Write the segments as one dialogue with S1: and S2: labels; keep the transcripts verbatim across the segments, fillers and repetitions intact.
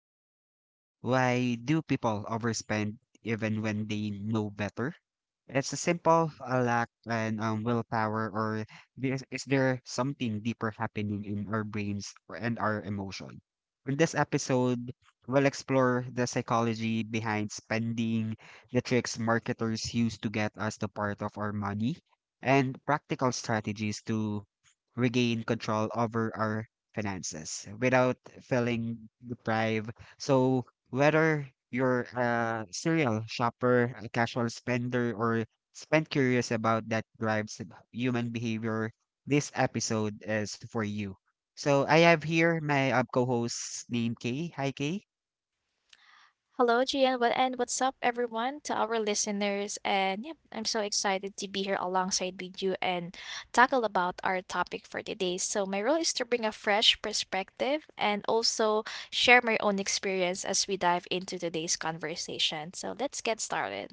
S1: questions. Why do people overspend even when they know better? It's a simple a lack and um, willpower, or is, is there something deeper happening in our brains or- and our emotion? In this episode, we'll explore the psychology behind spending, the tricks marketers use to get us the part of our money, and practical strategies to regain control over our finances without feeling deprived. So, whether you're a serial shopper, a casual spender, or spend curious about that drives human behavior, this episode is for you. So, I have here my uh, co host named Kay. Hi, Kay.
S2: Hello, Gian. What and what's up, everyone, to our listeners? And yeah, I'm so excited to be here alongside with you and tackle about our topic for today. So my role is to bring a fresh perspective and also share my own experience as we dive into today's conversation. So let's get started.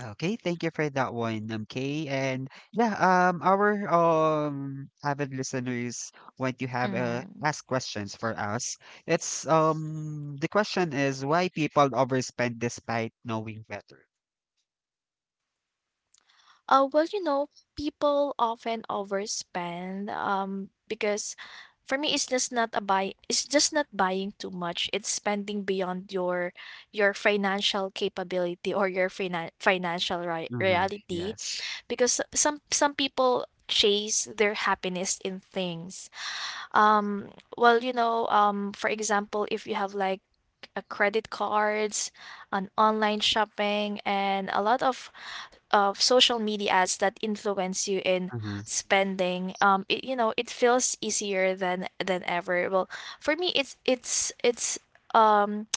S1: Okay, thank you for that one, um, Kay. And yeah, um, our um avid listeners want to have uh,
S2: Mhm.
S1: ask questions for us. It's um the question is why people overspend despite knowing better.
S2: Uh, well, you know, people often overspend um because for me, it's just not a buy it's just not buying too much. It's spending beyond your your financial capability or your finan financial ri
S1: Mm-hmm.
S2: reality
S1: Yes.
S2: because some some people chase their happiness in things. Um, well, you know, um, for example, if you have like a credit cards, an online shopping, and a lot of of social media ads that influence you in
S1: Mm-hmm.
S2: spending. um, it, you know, it feels easier than than ever. Well, for me, it's it's it's um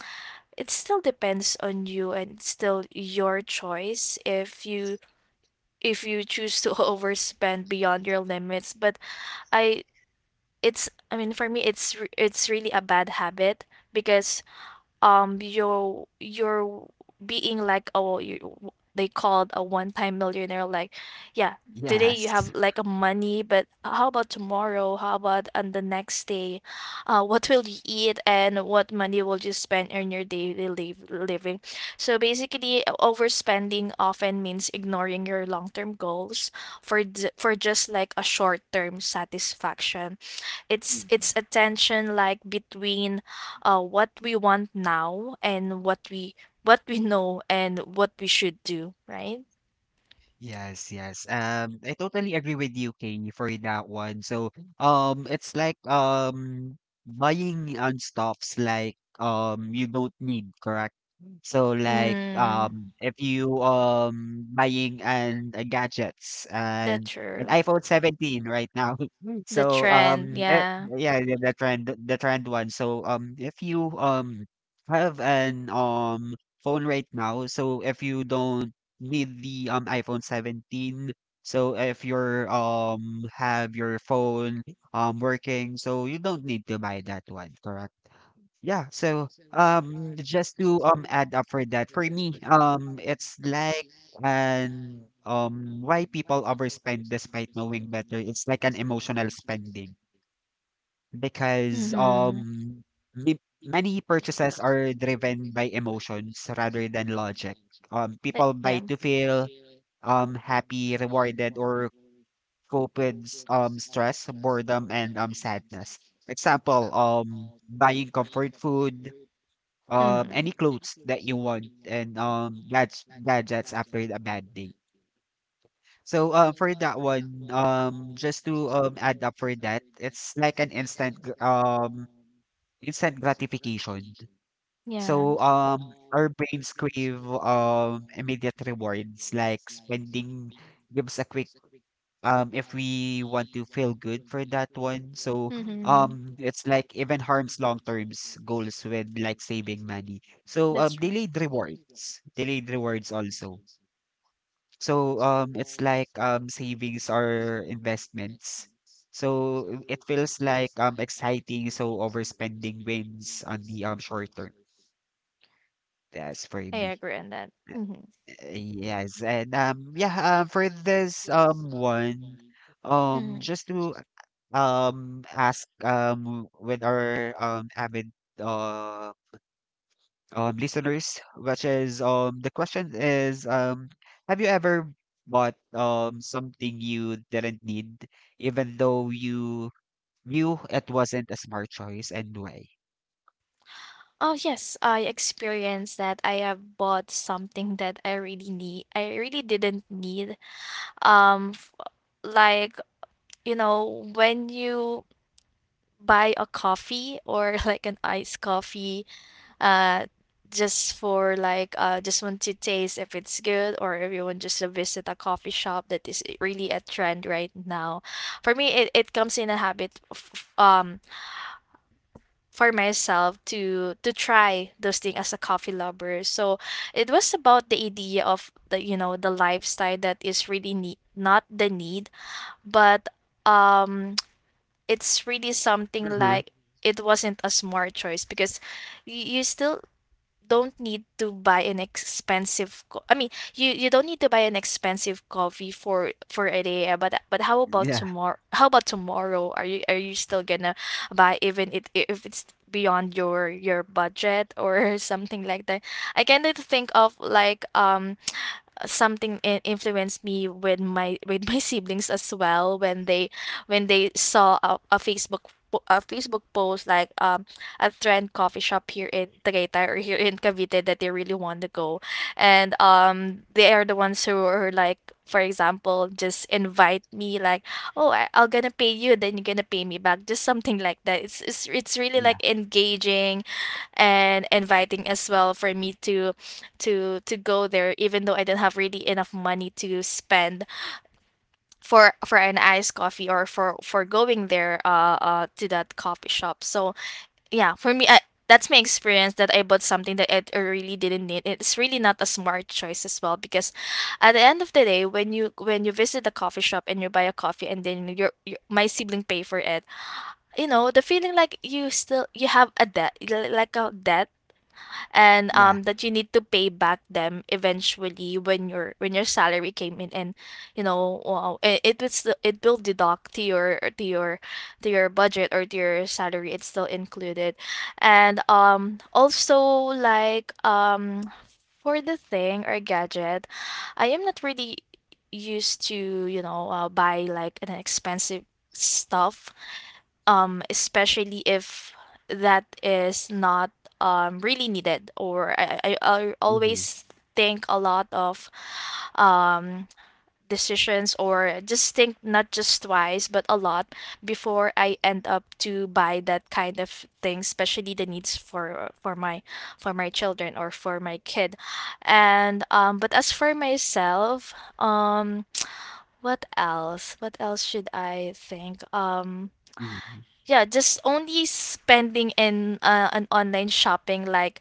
S2: it still depends on you, and it's still your choice if you if you choose to overspend beyond your limits, but i it's I mean for me, it's re- it's really a bad habit because um you're you're being like, oh you, they called a one-time millionaire. Like, yeah, today you
S1: Yes.
S2: have like a money, but how about tomorrow, how about on the next day? Uh, what will you eat, and what money will you spend on your daily liv- living? So basically, o- overspending often means ignoring your long-term goals for d- for just like a short-term satisfaction. It's it's a tension like between, uh, what we want now and what we what we know and what we should do, right?
S1: Yes, yes. Um, I totally agree with you, Kay, for that one. So, um, it's like um buying on stuffs like um you don't need, correct? So like
S2: Mm,
S1: um if you um buying and uh, gadgets and
S2: that's
S1: an
S2: true.
S1: iPhone seventeen right now.
S2: The
S1: So
S2: trend,
S1: um eh,
S2: yeah.
S1: yeah, yeah, the trend the trend one. So um if you um have an um phone right now, so if you don't with the um iPhone seventeen. So if you're um have your phone um working, so you don't need to buy that one, correct? Yeah, so um just to um add up for that, for me, um it's like and um why people overspend despite knowing better, it's like an emotional spending because
S2: Mm-hmm.
S1: um the- many purchases are driven by emotions rather than logic. Um, people buy
S2: Yeah.
S1: to feel, um, happy, rewarded, or cope with s- um, stress, boredom, and um, sadness. Example, um, buying comfort food, um,
S2: Mm-hmm.
S1: any clothes that you want, and um, gadgets, gadgets after a bad day. So uh, for that one, um, just to um, add up for that, it's like an instant gr- um, instant gratification.
S2: Yeah.
S1: So um, our brains crave um, immediate rewards like spending gives a quick um if we want to feel good for that one. So
S2: Mm-hmm.
S1: um it's like even harms long terms goals with like saving money. So
S2: That's
S1: um
S2: true.
S1: delayed rewards. Delayed rewards also. So um it's like um savings or investments. So it feels like um exciting, so overspending wins on the um short term. That's for
S2: I
S1: me.
S2: agree on that. Mm-hmm.
S1: Yes, and um, yeah, uh, for this um one, um,
S2: Mm-hmm.
S1: just to um ask um with our um avid uh um listeners, which is um the question is um have you ever bought um something you didn't need, even though you knew it wasn't a smart choice and why?
S2: Oh yes, I experienced that. I have bought something that I really need. I really didn't need. Um, f- like, you know, when you buy a coffee, or like an iced coffee, uh, just for like uh, just want to taste if it's good, or if you want just to visit a coffee shop that is really a trend right now. For me, it, it comes in a habit. Of, um. For myself to to try those things as a coffee lover. So it was about the idea of the, you know the lifestyle that is really need, not the need, but um it's really something
S1: Mm-hmm.
S2: like it wasn't a smart choice because you, you still don't need to buy an expensive co- I mean you you don't need to buy an expensive coffee for for a day, eh, but but how about
S1: Yeah,
S2: tomorrow? How about tomorrow are you are you still gonna buy even it if it's beyond your your budget, or something like that? I kind of think of like, um something in- influenced me with my with my siblings as well, when they when they saw a, a Facebook po- a Facebook post, like, um a trend coffee shop here in Tagaytay or here in Cavite that they really want to go, and um they are the ones who are like, for example, just invite me like, oh, I, I'll gonna pay you, then you're gonna pay me back, just something like that. It's it's, it's really
S1: yeah,
S2: like engaging and inviting as well for me to to to go there even though I didn't have really enough money to spend for for an iced coffee, or for for going there uh, uh to that coffee shop. So yeah, for me, I, that's my experience, that I bought something that I I really didn't need. It's really not a smart choice as well because at the end of the day, when you when you visit the coffee shop and you buy a coffee, and then your, your my sibling pay for it, you know, the feeling like you still you have a debt, like a debt, and
S1: yeah.
S2: um that you need to pay back them eventually when your when your salary came in, and you know wow, it, it will still it will deduct to your to your to your budget, or to your salary. It's still included. And um also, like, um for the thing or gadget, I am not really used to, you know uh, buy like an expensive stuff, um, especially if that is not, um, really needed. Or I, I, I
S1: Mm-hmm.
S2: always think a lot of, um, decisions, or just think not just twice but a lot before I end up to buy that kind of thing, especially the needs for for my for my children or for my kid. And um, But as for myself, um, what else? What else should I think? Um, yeah, just only spending in uh, an online shopping, like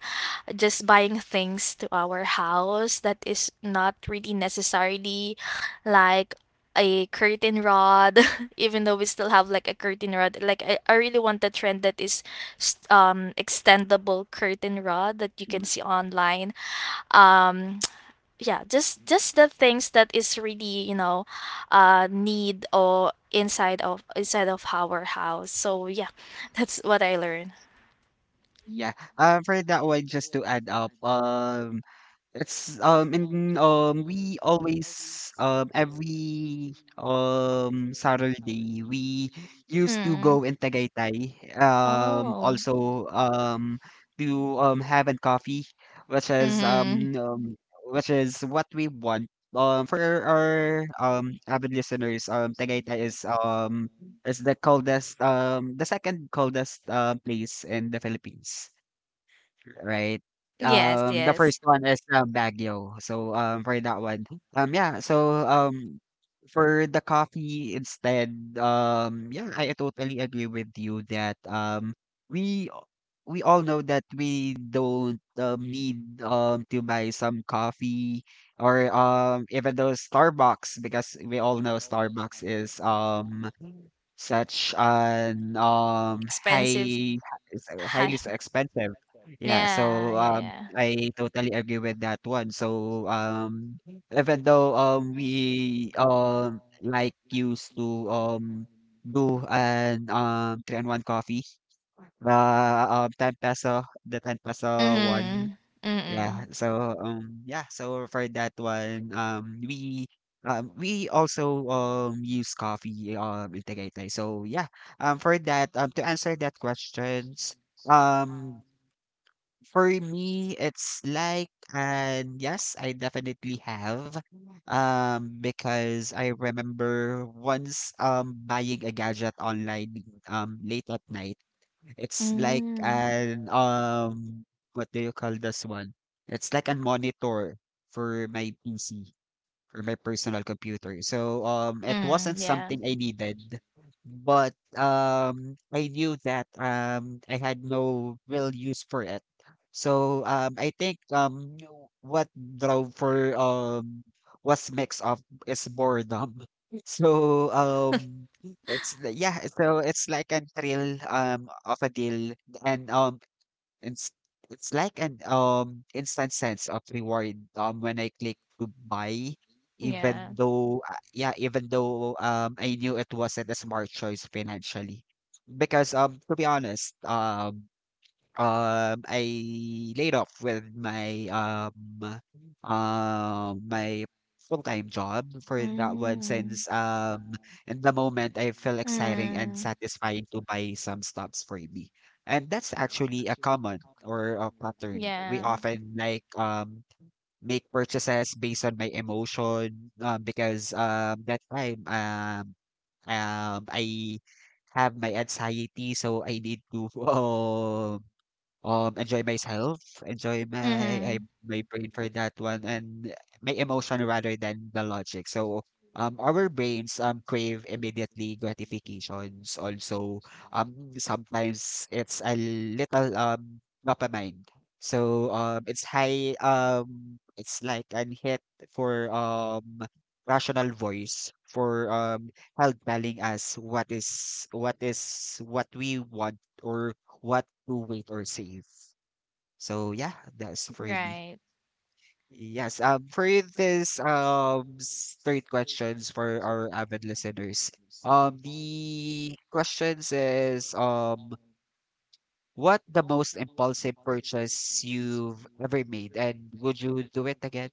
S2: just buying things to our house that is not really necessarily, like a curtain rod, even though we still have like a curtain rod. Like, I, I really want the trend that is s- um extendable curtain rod that you can see online. Um, yeah, just just the things that is really, you know uh need or inside of inside of our house. So yeah, that's what I learned.
S1: Yeah. Um, for that one, just to add up, um, it's um, in um, we always um every um Saturday we used to
S2: Mm.
S1: go in Tagaytay. Um,
S2: Oh.
S1: also um to um have and coffee, which is um,
S2: Mm-hmm.
S1: um which is what we want. Um, for our um avid listeners, um, Tagaytay is um is the coldest um the second coldest uh, place in the Philippines. Right.
S2: Yes,
S1: Um, the
S2: yes.
S1: first one is uh, Baguio. So um, for that one, um, yeah. So um, for the coffee instead, um, yeah, I totally agree with you that um, we a- we all know that we don't um, need um to buy some coffee or um even though Starbucks because we all know Starbucks is um such an um
S2: Expensive.
S1: high it's, uh, highly
S2: High.
S1: s- expensive, yeah,
S2: Yeah,
S1: so,
S2: yeah,
S1: um,
S2: yeah.
S1: I totally agree with that one. So, um, even though, um, we, um, like used to, um, do an, um, three and one coffee, the, um, ten peso, the ten peso one.
S2: Mm-hmm.
S1: Yeah.
S2: Mm-mm.
S1: So, um, yeah. So for that one, um, we, um, we also, um, use coffee, um, in Tagaytay. So yeah, um, for that, um, to answer that questions, um, for me, it's like, and yes, I definitely have. Um, because I remember once um buying a gadget online um late at night. It's like
S2: Mm.
S1: an um what do you call this one? It's like a monitor for my P C for my personal computer. So um it wasn't
S2: Mm. Yeah,
S1: something I needed, but um I knew that um I had no real use for it. So um I think um what drove for um was mix of is boredom. So um it's li- yeah, so it's like a thrill um of a deal, and um it's it's like an um instant sense of reward um when I click to buy,
S2: yeah.
S1: even though uh, yeah, even though um I knew it wasn't a smart choice financially. Because um to be honest, um um, I laid off with my um um my full-time job for that one
S2: Mm.
S1: since um in the moment I feel exciting and
S2: Mm.
S1: satisfying to buy some stocks for me. And that's actually a common or a pattern. We
S2: Yeah.
S1: often like um make purchases based on my emotion um, because um that time um um I have my anxiety so I need to um um, enjoy myself, enjoy my I,
S2: Mm-hmm.
S1: my brain for that one, and my emotion rather than the logic. So, um, our brains um crave immediately gratifications. Also, um, sometimes it's a little um dopamine. So, um, it's high um, it's like an hit for um rational voice for um help telling us what is what is what we want or what to wait or save. So yeah, that's for me.
S2: Right.
S1: Yes, um, for this um straight questions for our avid listeners. Um, the questions is um, what the most impulsive purchase you've ever made, and would you do it again?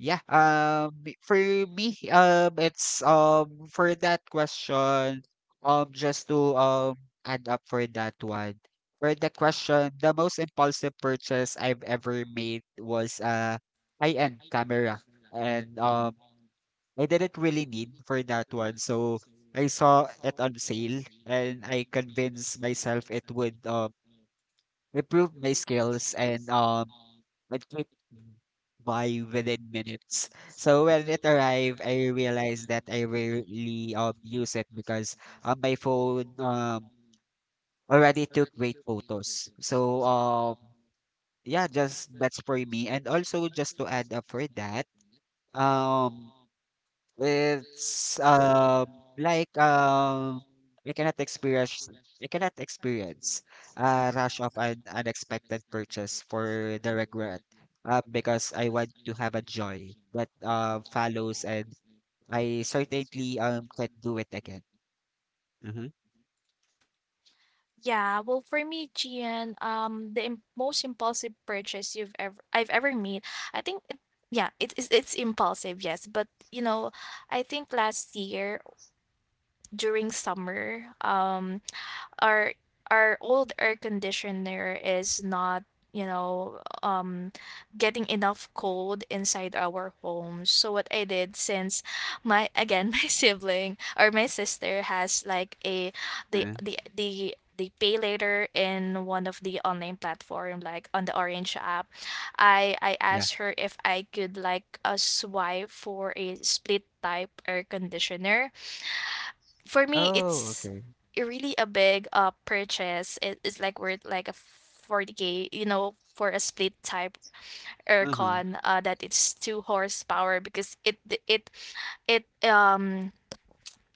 S1: Yeah, um, for me, um, it's um for that question, um, just to um add up for that one. For the question, the most impulsive purchase I've ever made was a high-end camera, and um, I didn't really need for that one, so I saw it on sale, and I convinced myself it would um improve my skills and um. it by within minutes. So when it arrived, I realized that I rarely um use it because um, my phone um already took great photos. So um yeah, just that's for me. And also just to add up for that, um it's, um, like, um, we cannot experience we cannot experience a rush of an unexpected purchase for the regret, uh, because I want to have a joy that uh, follows, and I certainly um can't do it again. Mm-hmm.
S2: Yeah, well, for me, Gian, um, the im most impulsive purchase you've ever I've ever made, I think, it, yeah, it is it's impulsive, yes, but, you know, I think last year during summer, um, our our old air conditioner is not, you know um getting enough cold inside our home. So what I did, since my again my sibling, or my sister, has like a, the
S1: Uh,
S2: the the the pay later in one of the online platform, like on the orange app, i i
S1: yeah.
S2: asked her if I could like a swipe for a split type air conditioner. For me,
S1: Oh,
S2: it's
S1: okay.
S2: really a big uh purchase. It, it's like worth like a forty k, you know, for a split type
S1: Mm-hmm.
S2: aircon, uh that it's two horsepower because it it it um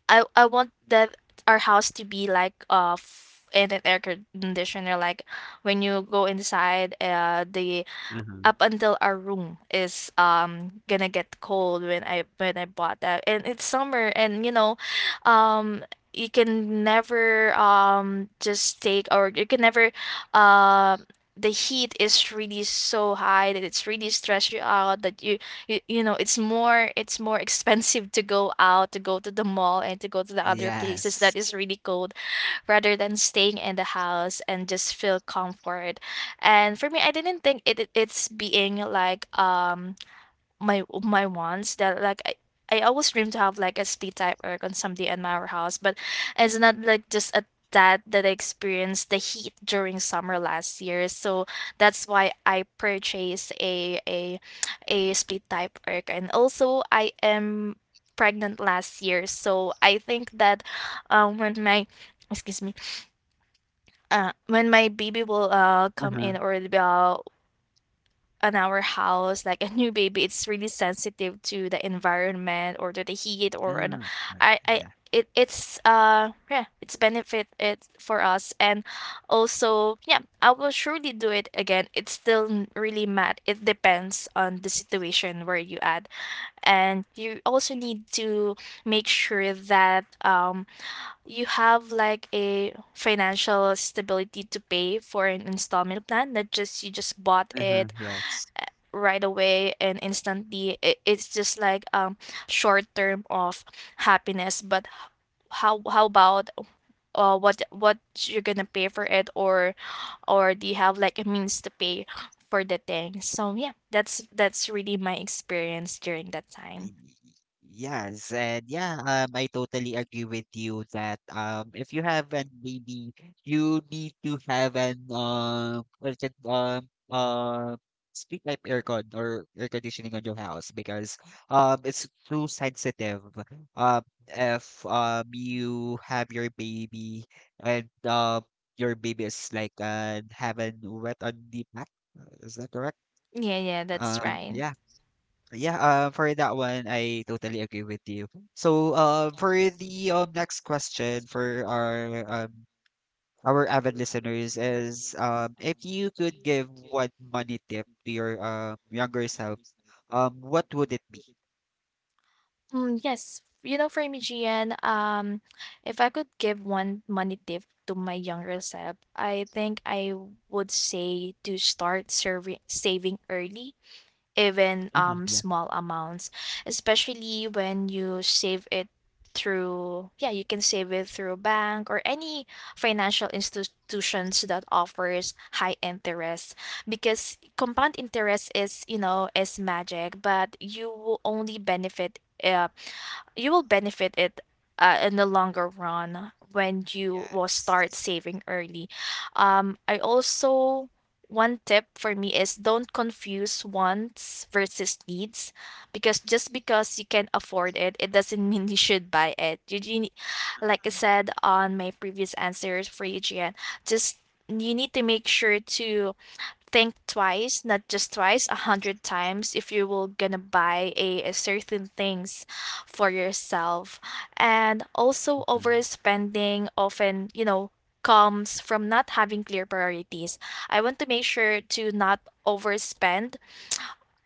S2: I I want that our house to be like, uh f- in an air conditioner, like when you go inside, uh the
S1: Mm-hmm.
S2: up until our room is um gonna get cold when I when I bought that. And it's summer, and you know, um you can never um just take, or you can never uh the heat is really so high that it's really stress you out, that you, you you know it's more it's more expensive to go out, to go to the mall, and to go to the other places that
S1: Yes.
S2: is really cold, rather than staying in the house and just feel comfort. And for me, I didn't think it, it- it's being like, um my my wants that like, I, I always dream to have like a split type erg on somebody in my house, but it's not like just a that that I experienced the heat during summer last year. So that's why I purchased a a a split type erg. And also, I am pregnant last year. So I think that, um when my, excuse me, uh, when my baby will uh come
S1: Uh-huh.
S2: in, or the- uh, on our house, like a new baby, it's really sensitive to the environment, or to the heat, or an,
S1: Oh, okay.
S2: I I
S1: Yeah.
S2: it, it's uh yeah, it's benefit it for us. And also, yeah, I will surely do it again. It's still n- really mad. It depends on the situation where you at, and you also need to make sure that, um you have like a financial stability to pay for an installment plan that just you just bought
S1: Uh-huh.
S2: it
S1: Yes.
S2: right away and instantly. It, it's just like, um short term of happiness, but how how about, uh what what you're gonna pay for it, or or do you have like a means to pay for the thing? So yeah, that's that's really my experience during that time.
S1: Y- Yes, and yeah, um, I totally agree with you that um, if you have an baby, you need to have an um, what's it, um, uh, speak like aircon or air conditioning on your house because um, it's too sensitive. Um, if um, you have your baby and um, your baby is like uh, having wet on the back, is that correct?
S2: Yeah, yeah, that's
S1: Um,
S2: right.
S1: yeah. Yeah, uh, for that one, I totally agree with you. So, uh, for the um, next question for our um, our avid listeners is, um, if you could give one money tip to your uh, younger self, um, what would it be?
S2: Mm, yes. You know, for me, Gian, um, if I could give one money tip to my younger self, I think I would say to start serving, saving early, even
S1: Mhm.
S2: um
S1: Yes.
S2: small amounts, especially when you save it through yeah you can save it through bank, or any financial institutions that offers high interest because compound interest is, you know is magic, but you will only benefit uh, you will benefit it, uh, in the longer run when you will start saving early. Um I also One tip for me is don't confuse wants versus needs because just because you can afford it, it doesn't mean you should buy it. You, you ne- like I said on my previous answers for you, Gian, just you need to make sure to think twice, not just twice, a hundred times if you will gonna buy a, a certain things for yourself. And also
S1: Hmm.
S2: overspending often, you know, comes from not having clear priorities. I want to make sure to not overspend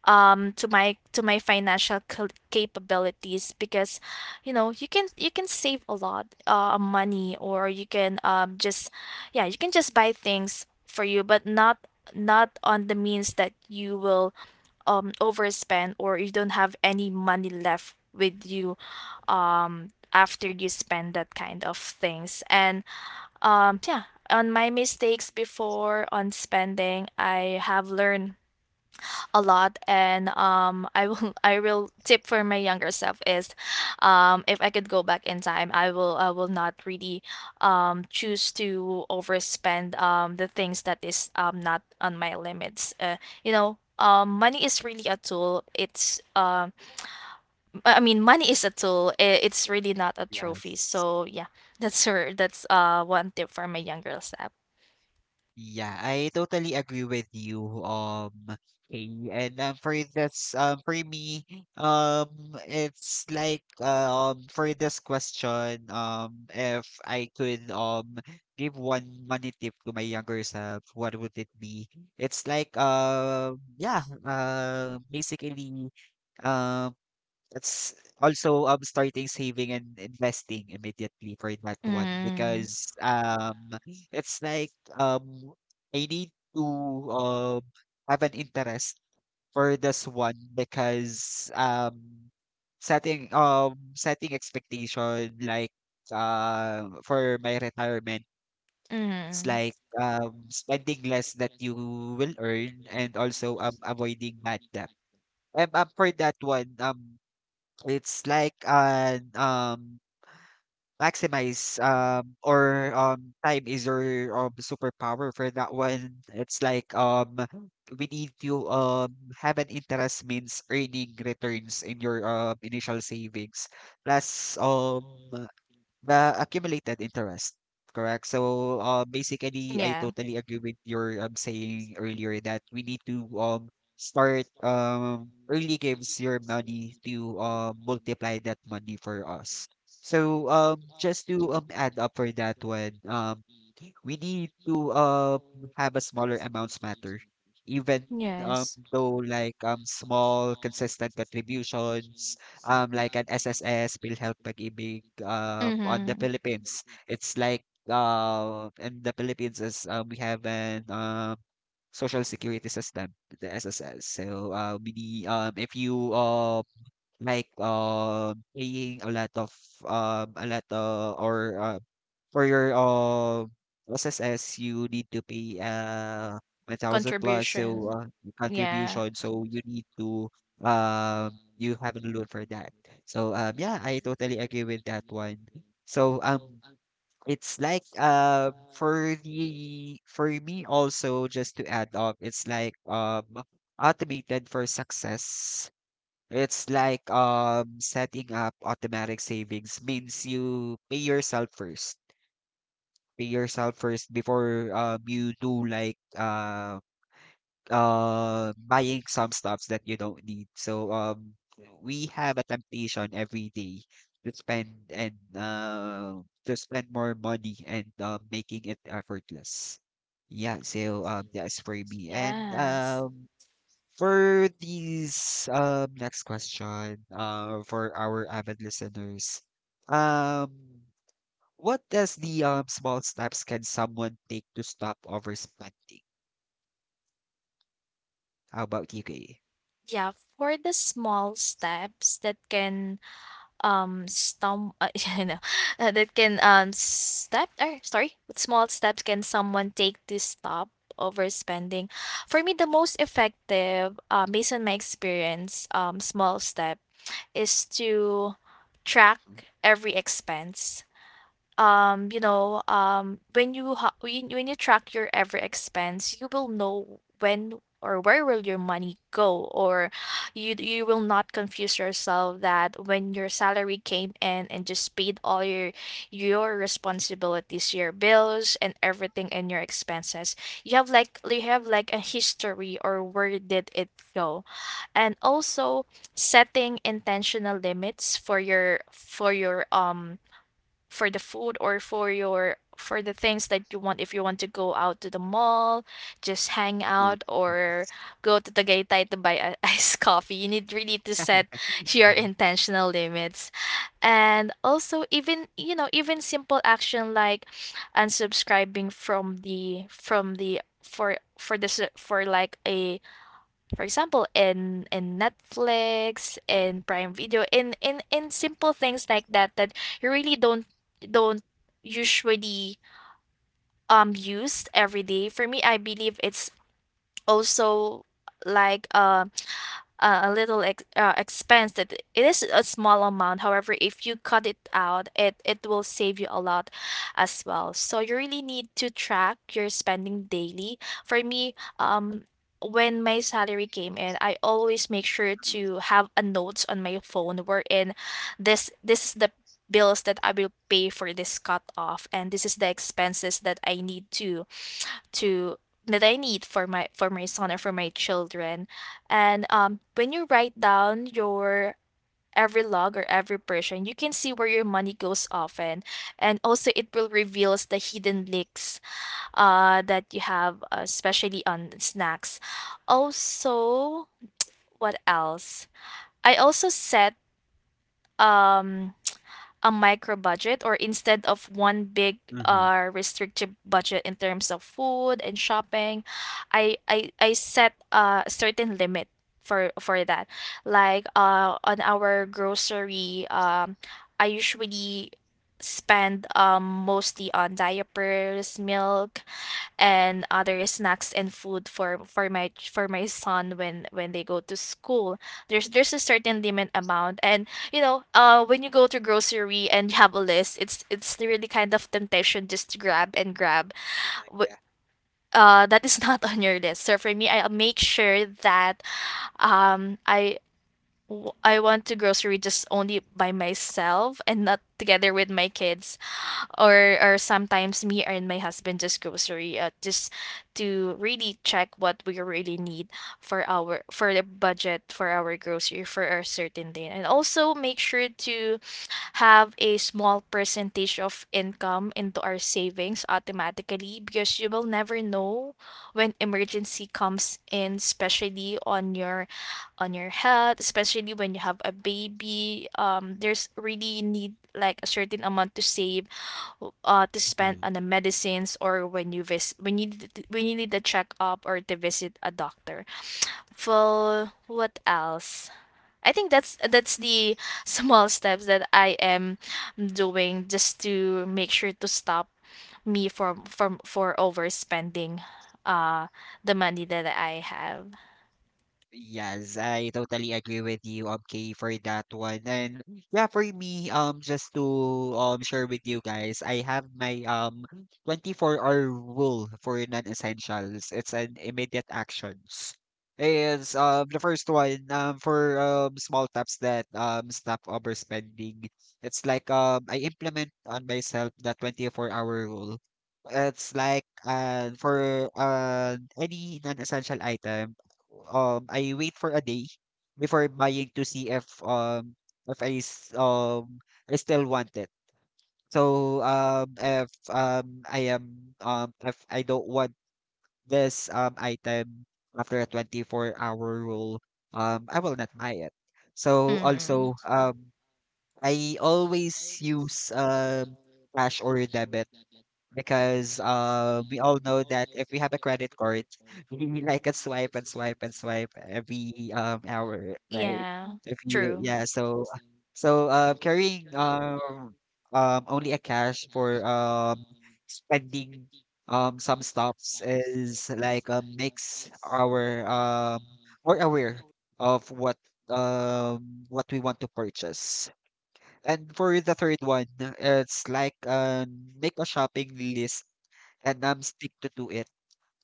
S2: um to my to my financial cal- capabilities because you know you can you can save a lot uh money, or you can um just yeah, you can just buy things for you, but not not on the means that you will um overspend or you don't have any money left with you um after you spend that kind of things. And um yeah on my mistakes before on spending, I have learned a lot. And um I will I will tip for my younger self is um if I could go back in time, I will I will not really um choose to overspend um the things that is um not on my limits. Uh you know um money is really a tool. It's um I I mean, money is a tool, i- it's really not a trophy.
S1: Yes.
S2: So yeah, that's her, that's uh one tip for my younger self.
S1: Yeah, I totally agree with you, um, Kay. And um, for this, um, for me, um, it's like uh, um for this question, um, if I could um give one money tip to my younger self, what would it be? It's like um, yeah, uh, basically, um, that's also um starting saving and investing immediately for that one
S2: mm
S1: because um it's like um I need to um have an interest for this one, because um setting um setting expectation like uh for my retirement, it's
S2: mm
S1: like um spending less that you will earn, and also um avoiding bad debt. Um, um for that one, um it's like an um maximize um or um time is your um superpower for that one. It's like um we need to um have an interest means earning returns in your um initial savings. Plus um the accumulated interest, correct? So, uh, basically, I
S2: yeah.
S1: totally agree with your um, saying earlier that we need to um start um early gives your money to um multiply that money for us. So, um, just to um add up for that one, um, we need to um have a smaller amounts matter, even um
S2: Yes.
S1: though like um small consistent contributions, um, like an S S S, PhilHealth Pag-ibig uh, on the
S2: Mm-hmm.
S1: Philippines. It's like, uh, in the Philippines is, uh, we have an um, social security system, the S S S. So uh, we need, um, if you uh, like um paying a lot of um a lot uh, or uh, for your, uh, S S S, you need to pay, uh, a thousand plus, so,
S2: Contribution.
S1: uh, your
S2: Yeah.
S1: contribution, so you need to, um, you have a loan for that. So, um, yeah, I totally agree with that one. So, um, it's like, um, for the, for me also, just to add up, it's like, um, automated for success. It's like um setting up automatic savings means you pay yourself first pay yourself first before um you do like uh uh buying some stuffs that you don't need. So um we have a temptation every day to spend and uh to spend more money and uh, making it effortless. Yeah, so um that's for me. And
S2: Yes.
S1: um for these um next question uh for our avid listeners. Um what does the um, small steps can someone take to stop overspending? How about you, Kay?
S2: Yeah, for the small steps that can um stum uh, you know, uh, that can um step or sorry, what small steps can someone take to stop overspending? For me, the most effective, uh, based on my experience, um, small step is to track every expense. Um you know um when you ha- when, when you track your every expense, you will know when or where will your money go, or you you will not confuse yourself that when your salary came in and just paid all your your responsibilities, your bills, and everything, and your expenses, you have like you have like a history or where did it go. And also setting intentional limits for your for your um for the food, or for your for the things that you want. If you want to go out to the mall, just hang
S1: Mm-hmm.
S2: out, or
S1: Yes.
S2: go to the Tagaytay to buy a iced coffee, you need really to set your
S1: Yeah.
S2: intentional limits. And also, even you know even simple action like unsubscribing from the from the for for this, for like a for example, in in Netflix, in Prime Video, in in in simple things like that that you really don't don't usually um use every day. For me, I believe it's also like um uh, a little ex- uh, expense that it is a small amount, however if you cut it out, it it will save you a lot as well. So you really need to track your spending daily. For me, um when my salary came in, I always make sure to have a notes on my phone wherein this this is the bills that I will pay for this cut off, and this is the expenses that I need to to that I need for my for my son or for my children. And um, when you write down your every log or every person, you can see where your money goes often, and also it will reveals the hidden leaks uh that you have, uh, especially on snacks. Also, what else? I also set um a micro budget, or instead of one big
S1: Mm-hmm.
S2: uh restricted budget in terms of food and shopping, i i, I set a certain limit for for that, like uh on our grocery. um I usually spend um mostly on diapers, milk, and other snacks and food for for my for my son when when they go to school. There's there's a certain limit amount. And you know uh when you go to grocery and you have a list, it's it's really kind of temptation just to grab and grab Wh-
S1: Yeah.
S2: uh that is not on your list. So for me, I'll make sure that um i w- I want to grocery just only by myself and not together with my kids, or or sometimes me and my husband just grocery, uh, just to really check what we really need for our for the budget for our grocery for a certain day. And also make sure to have a small percentage of income into our savings automatically, because you will never know when emergency comes in, especially on your on your health, especially when you have a baby. Um there's really need like a certain amount to save uh to spend
S1: Mhm.
S2: on the medicines, or when you vis when you d- when you need a checkup or to visit a doctor. Well, what else? I think that's that's the small steps that I am doing just to make sure to stop me from from for overspending uh the money that I have.
S1: Yes, I totally agree with you, um, Kay, for that one. And yeah, for me, um, just to um share with you guys, I have my um twenty-four-hour rule for non-essentials. It's an immediate actions. It's um the first one um for um small steps that um stop overspending. It's like um I implement on myself the twenty-four-hour rule. It's like uh for uh any non-essential item um I wait for a day before buying to see if um if I s- um I still want it. So um if um I am um if I don't want this um item after a twenty-four hour rule, um I will not buy it. So
S2: Mm.
S1: also um I always use um cash or debit because uh, we all know that if we have a credit card, we like a swipe and swipe and swipe every um hour, right?
S2: Yeah.
S1: If you
S2: True.
S1: Yeah, so so uh, carrying um um only a cash for um spending um some stops is like uh, makes our um more aware of what um what we want to purchase. And for the third one, uh, it's like um, make a shopping list and um stick to do it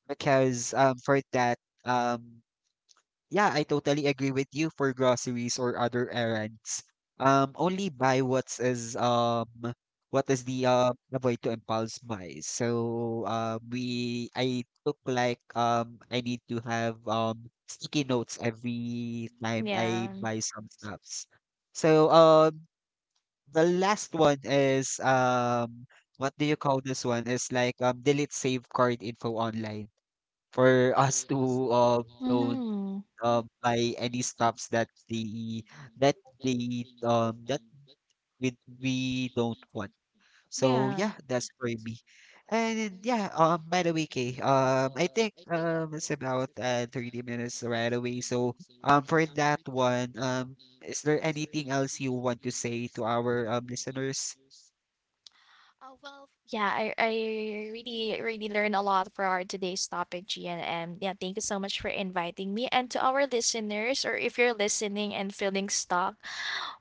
S1: because um for that um yeah I totally agree with you for groceries or other errands um only buy what's is um what is the um avoid to impulse buys, so um we I took like um I need to have um sticky notes every time I
S2: Yeah.
S1: buy some stuffs. So um the last one is um what do you call this one? Is like um delete save card info online for us to um don't
S2: Mm-hmm.
S1: um buy any stuffs that the that the um that we we don't want. So
S2: Yeah.
S1: yeah, that's for me. And yeah, um by the way, Kay, um I think um it's about uh thirty minutes right away. So um for that one, um is there anything else you want to say to our um listeners?
S2: Oh, well, yeah, I, I really, really learned a lot for our today's topic, Gian. And yeah, thank you so much for inviting me. And to our listeners, or if you're listening and feeling stuck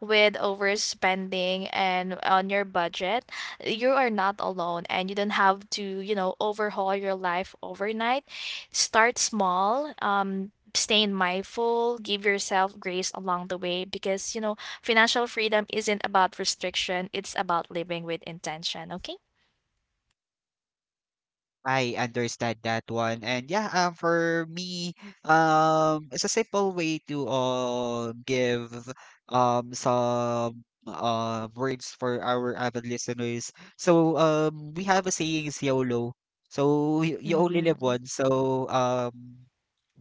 S2: with overspending and on your budget, you are not alone, and you don't have to, you know, overhaul your life overnight. Start small. Um, staying mindful, give yourself grace along the way, because you know financial freedom isn't about restriction, it's about living with intention, okay?
S1: I understand that one. And yeah, um, for me, um, it's a simple way to um give um some uh words for our avid listeners. So um we have a saying is YOLO. So you, you only live
S2: Mm.
S1: once. So um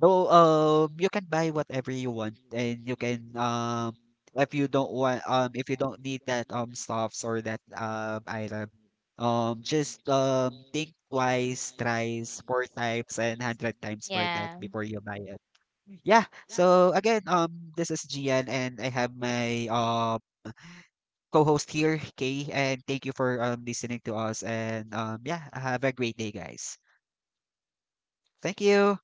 S1: though um you can buy whatever you want, and you can um if you don't want um if you don't need that um stuffs or that um item, um, just um, think twice, thrice, four times, and hundred times for that
S2: Yeah.
S1: before you buy it. Yeah. So again, um, this is Gian, and I have my uh co-host here, Kay, and thank you for um listening to us. And um, yeah, have a great day, guys. Thank you.